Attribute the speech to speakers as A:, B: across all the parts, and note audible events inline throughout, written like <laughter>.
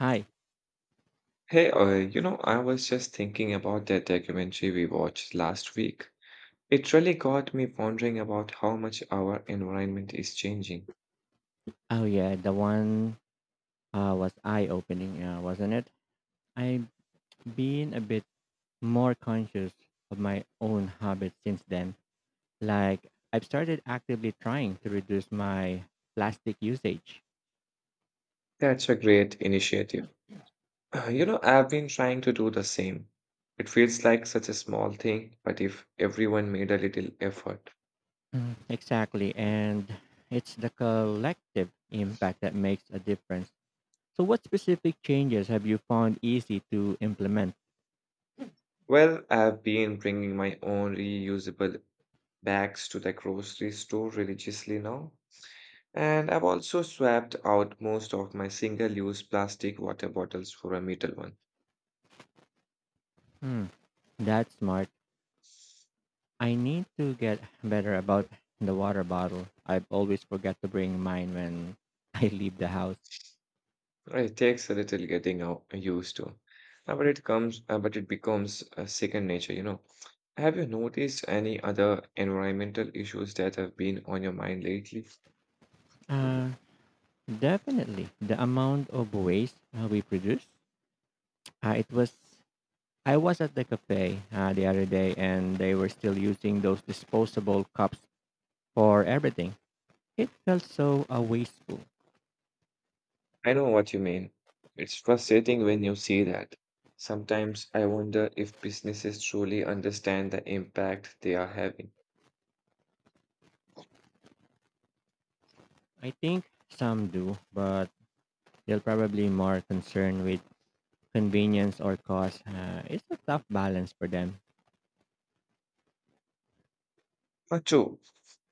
A: Hi.
B: Hey, I was just thinking about that documentary we watched last week. It really got me wondering about how much our environment is changing.
A: Oh yeah, the one was eye-opening, wasn't it? I've been a bit more conscious of my own habits since then. Like I've started actively trying to reduce my plastic usage.
B: That's a great initiative. I've been trying to do the same. It feels like such a small thing, but if everyone made a little effort.
A: Exactly, and it's the collective impact that makes a difference. So, what specific changes have you found easy to implement?
B: Well, I've been bringing my own reusable bags to the grocery store religiously now. And I've also swapped out most of my single use plastic water bottles for a metal one.
A: Hmm, that's smart. I need to get better about the water bottle. I always forget to bring mine when <laughs> I leave the house.
B: It takes a little getting out used to, but it becomes a second nature. Have you noticed any other environmental issues that have been on your mind lately?
A: Uh, Definitely the amount of waste we produce. It was I was at the cafe the other day and they were still using those disposable cups for everything. It felt so wasteful.
B: I know what you mean. It's frustrating when you see that. Sometimes I wonder if businesses truly understand the impact they are having.
A: I think some do, but they're probably more concerned with convenience or cost. It's a tough balance for them.
B: True,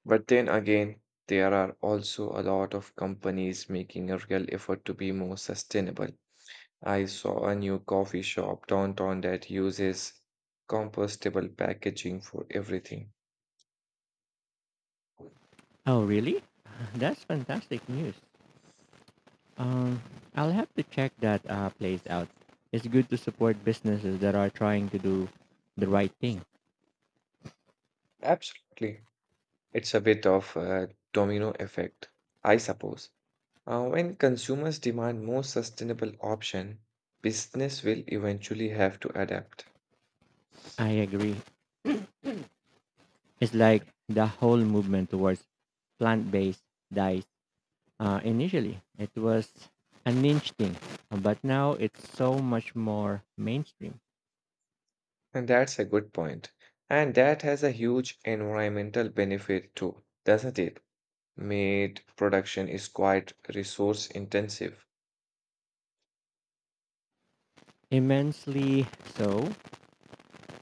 B: but then again, there are also a lot of companies making a real effort to be more sustainable. I saw a new coffee shop downtown that uses compostable packaging for everything.
A: Oh, really? <laughs> That's fantastic news. Um, I'll have to check that place out. It's good to support businesses that are trying to do the right thing.
B: Absolutely. It's a bit of a domino effect, I suppose. When consumers demand more sustainable option, business will eventually have to adapt.
A: I agree. It's like the whole movement towards plant-based diets. Initially, it was a niche thing, but now it's so much more mainstream.
B: And that's a good point. And that has a huge environmental benefit too, doesn't it? Meat production is quite resource intensive.
A: Immensely so.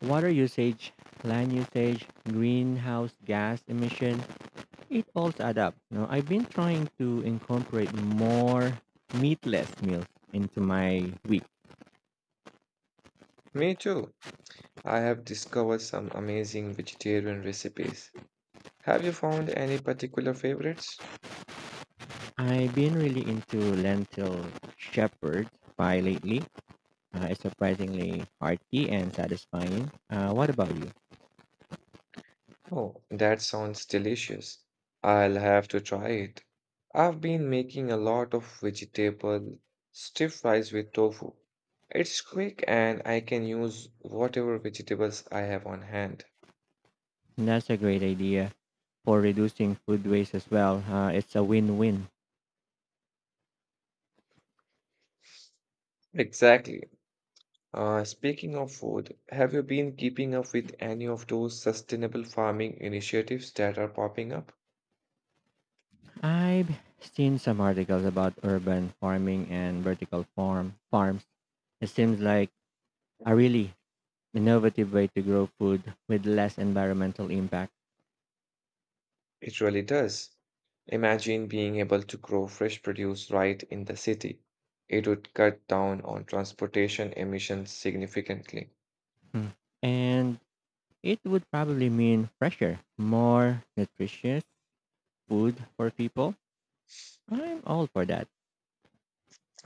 A: Water usage, land usage, greenhouse gas emission, it all adds up. Now, I've been trying to incorporate more meatless meals into my week.
B: Me too. I have discovered some amazing vegetarian recipes. Have you found any particular favorites?
A: I've been really into lentil shepherd pie lately. It's surprisingly hearty and satisfying. What about you?
B: Oh, that sounds delicious. I'll have to try it. I've been making a lot of vegetable stir fries with tofu. It's quick and I can use whatever vegetables I have on hand.
A: That's a great idea for reducing food waste as well. It's a win-win.
B: Exactly. Speaking of food, have you been keeping up with any of those sustainable farming initiatives that are popping up?
A: I've seen some articles about urban farming and vertical farms. It seems like a really innovative way to grow food with less environmental impact.
B: It really does. Imagine being able to grow fresh produce right in the city. It would cut down on transportation emissions significantly.
A: Hmm. And it would probably mean fresher, more nutritious food for people. I'm all for that.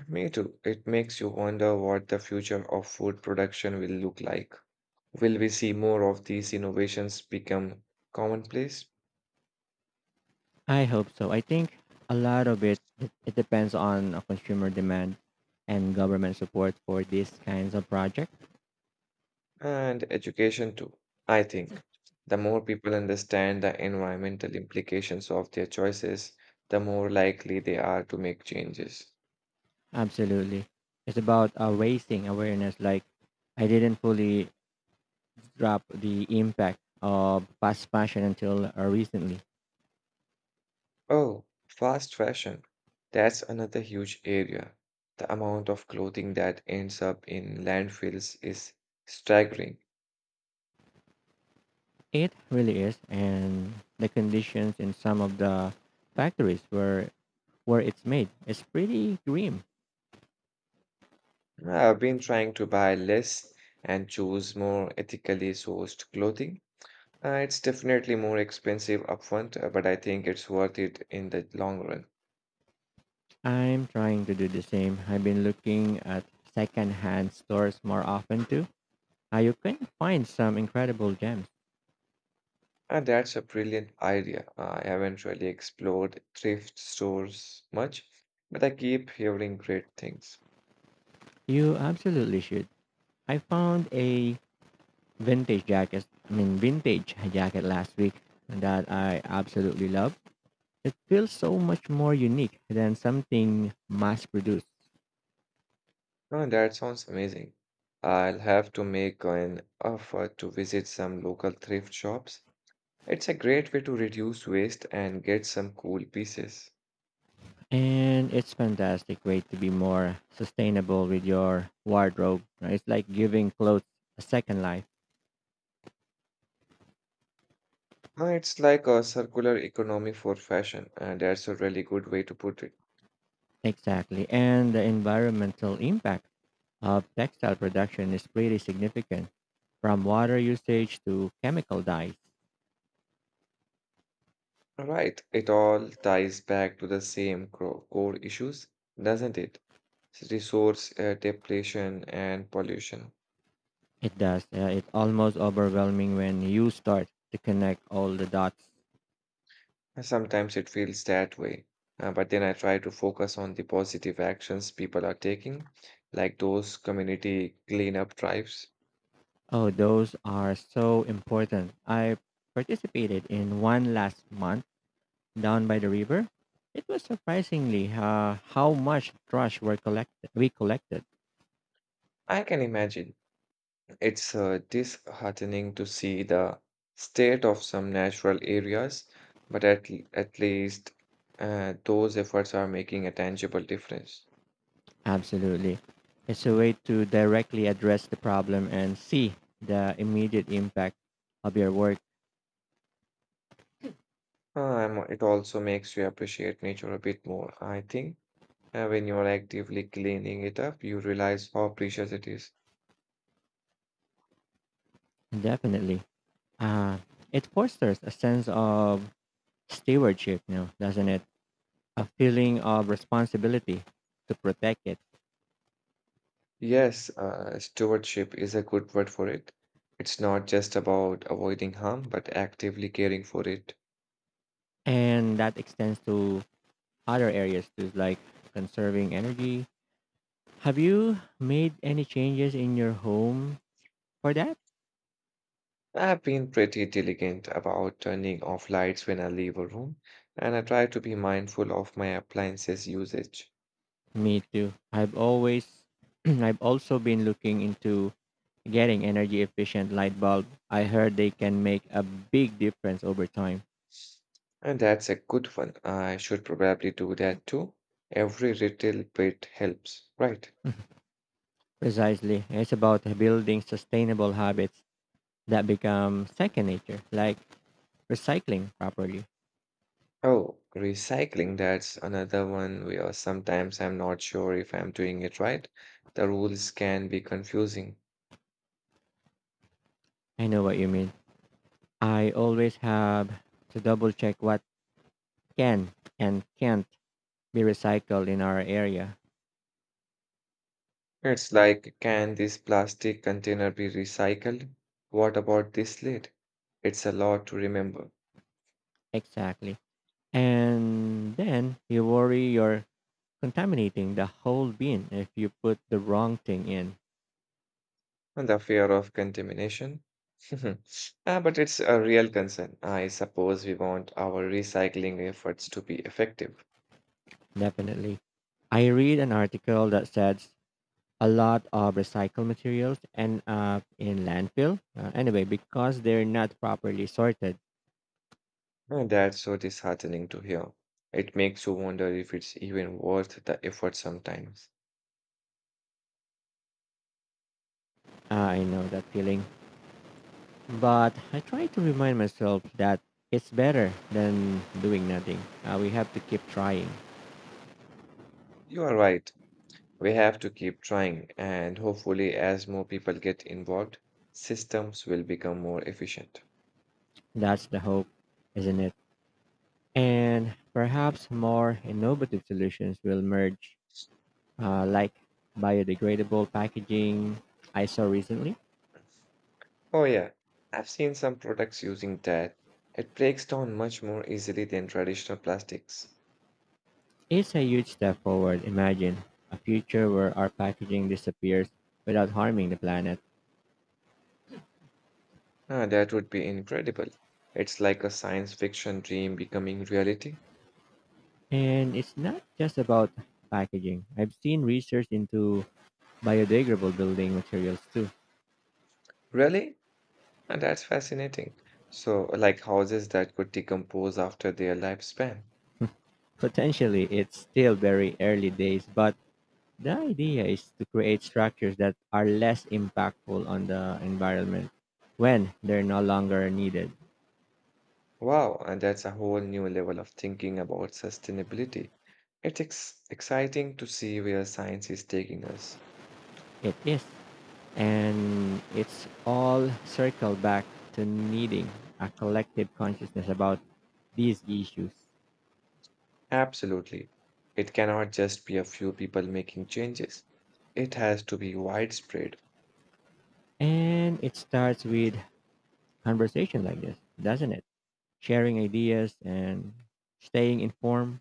B: Me too. It makes you wonder what the future of food production will look like. Will we see more of these innovations become commonplace?
A: I hope so. I think a lot of it depends on consumer demand and government support for these kinds of projects.
B: And education too. I think the more people understand the environmental implications of their choices, the more likely they are to make changes.
A: Absolutely. It's about raising awareness, like I didn't fully drop the impact of fast fashion until recently.
B: Oh, fast fashion. That's another huge area. The amount of clothing that ends up in landfills is staggering.
A: It really is, and the conditions in some of the factories where it's made is pretty grim.
B: I've been trying to buy less and choose more ethically sourced clothing. It's definitely more expensive upfront, but I think it's worth it in the long run.
A: I'm trying to do the same. I've been looking at secondhand stores more often too. You can find some incredible gems.
B: And that's a brilliant idea. I haven't really explored thrift stores much, but I keep hearing great things.
A: You absolutely should. I found a vintage jacket last week that I absolutely love. It feels so much more unique than something mass produced.
B: No, that sounds amazing. I'll have to make an effort to visit some local thrift shops. It's a great way to reduce waste and get some cool pieces.
A: And it's fantastic way to be more sustainable with your wardrobe, right? It's like giving clothes a second life.
B: It's like a circular economy for fashion, and that's a really good way to put it.
A: Exactly. And the environmental impact of textile production is pretty significant, from water usage to chemical dyes.
B: Right, it all ties back to the same core issues, doesn't it? Resource depletion and pollution.
A: It does. It's almost overwhelming when you start to connect all the dots.
B: Sometimes it feels that way, but then I try to focus on the positive actions people are taking, like those community cleanup drives.
A: Oh, those are so important. I participated in one last month down by the river, it was surprisingly how much trash were collected. We collected.
B: I can imagine it's disheartening to see the state of some natural areas, but at least those efforts are making a tangible difference.
A: Absolutely, it's a way to directly address the problem and see the immediate impact of your work.
B: It also makes you appreciate nature a bit more, I think. When you are actively cleaning it up, you realize how precious it is.
A: Definitely, uh, it fosters a sense of stewardship, now, doesn't it? A feeling of responsibility to protect it,
B: Yes, stewardship is a good word for it. It's not just about avoiding harm, but actively caring for it.
A: and that extends to other areas too, like conserving energy. Have you made any changes in your home for that,
B: I've been pretty diligent about turning off lights when I leave a room, and I try to be mindful of my appliances usage.
A: me too. I've always, <clears throat> I've also been looking into getting energy efficient light bulb. I heard they can make a big difference over time.
B: And that's a good one. I should probably do that too. Every little bit helps, right?
A: Precisely, it's about building sustainable habits that become second nature, like recycling properly.
B: Oh, recycling, that's another one where sometimes I'm not sure if I'm doing it right. The rules can be confusing.
A: I know what you mean. I always have to double check what can and can't be recycled in our area.
B: It's like, can this plastic container be recycled? What about this lid? It's a lot to remember.
A: Exactly. And then you worry your contaminating the whole bean if you put the wrong thing in.
B: And the fear of contamination? <laughs> Ah, but it's a real concern. I suppose we want our recycling efforts to be effective.
A: Definitely. I read an article that says a lot of recycled materials end up in landfill. Anyway, because they're not properly sorted.
B: And that's so disheartening to hear. It makes you wonder if it's even worth the effort sometimes.
A: uh, I know that feeling. But I try to remind myself that it's better than doing nothing. We have to keep trying.
B: You are right. We have to keep trying, and hopefully, as more people get involved, systems will become more efficient.
A: That's the hope, isn't it? And perhaps more innovative solutions will merge like biodegradable packaging I saw recently.
B: Oh, yeah, I've seen some products using that. It breaks down much more easily than traditional plastics.
A: It's a huge step forward. Imagine a future where our packaging disappears without harming the planet.
B: Ah, that would be incredible. It's like a science fiction dream becoming reality.
A: And it's not just about packaging. I've seen research into biodegradable building materials too.
B: Really? And that's fascinating. So, like houses that could decompose after their lifespan.
A: Potentially, it's still very early days, but the idea is to create structures that are less impactful on the environment when they're no longer needed.
B: Wow, and that's a whole new level of thinking about sustainability. It's exciting to see where science is taking us.
A: It is. And it's all circled back to needing a collective consciousness about these issues.
B: Absolutely. It cannot just be a few people making changes. It has to be widespread.
A: And it starts with conversation like this, doesn't it? Sharing ideas and staying informed.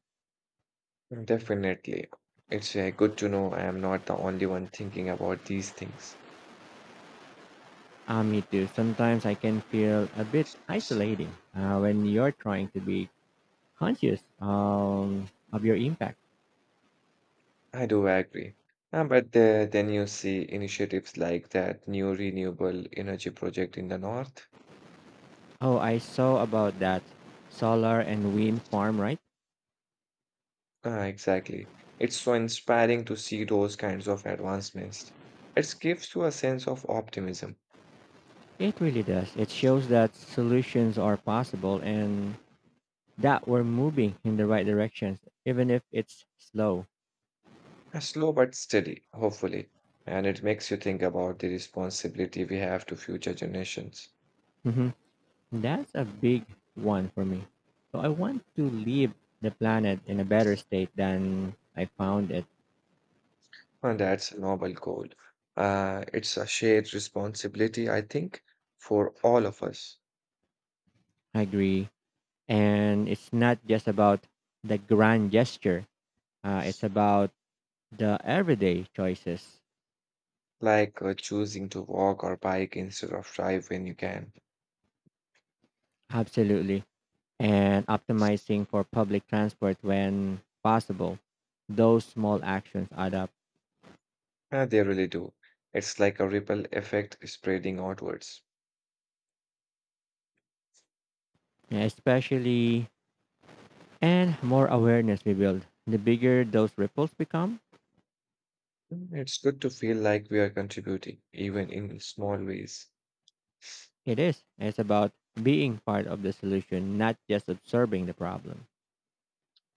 B: Mm. Definitely. It's good to know I am not the only one thinking about these things.
A: Ah, me too. Sometimes I can feel a bit isolating when you're trying to be conscious of your impact.
B: I do agree. But then you see initiatives like that new renewable energy project in the north.
A: Oh, I saw about that solar and wind farm, right?
B: Ah, exactly. It's so inspiring to see those kinds of advancements. It gives you a sense of optimism.
A: It really does. It shows that solutions are possible and that we're moving in the right directions, even if it's slow.
B: Slow but steady, hopefully, and it makes you think about the responsibility we have to future generations.
A: Hmm. That's a big one for me. So I want to leave the planet in a better state than I found it.
B: And that's a noble goal. It's a shared responsibility, I think, for all of us,
A: I agree. And it's not just about the grand gesture, it's about the everyday choices.
B: like choosing to walk or bike instead of drive when you can.
A: Absolutely. And optimizing for public transport when possible. Those small actions add up,
B: They really do. It's like a ripple effect spreading outwards.
A: especially and more awareness we build. The bigger those ripples become,
B: Mm, it's good to feel like we are contributing, even in small ways.
A: it is. It's about being part of the solution, not just observing the problem.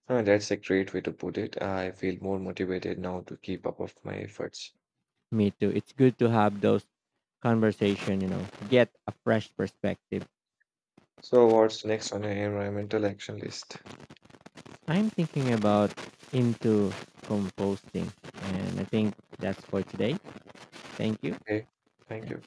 B: That's a great way to put it. I feel more motivated now to keep up of my efforts.
A: Me too. It's good to have those conversation, you know, get a fresh perspective.
B: So what's next on your environmental action list?
A: I'm thinking about into composting and I think that's for today. Thank you.
B: Okay, thank you.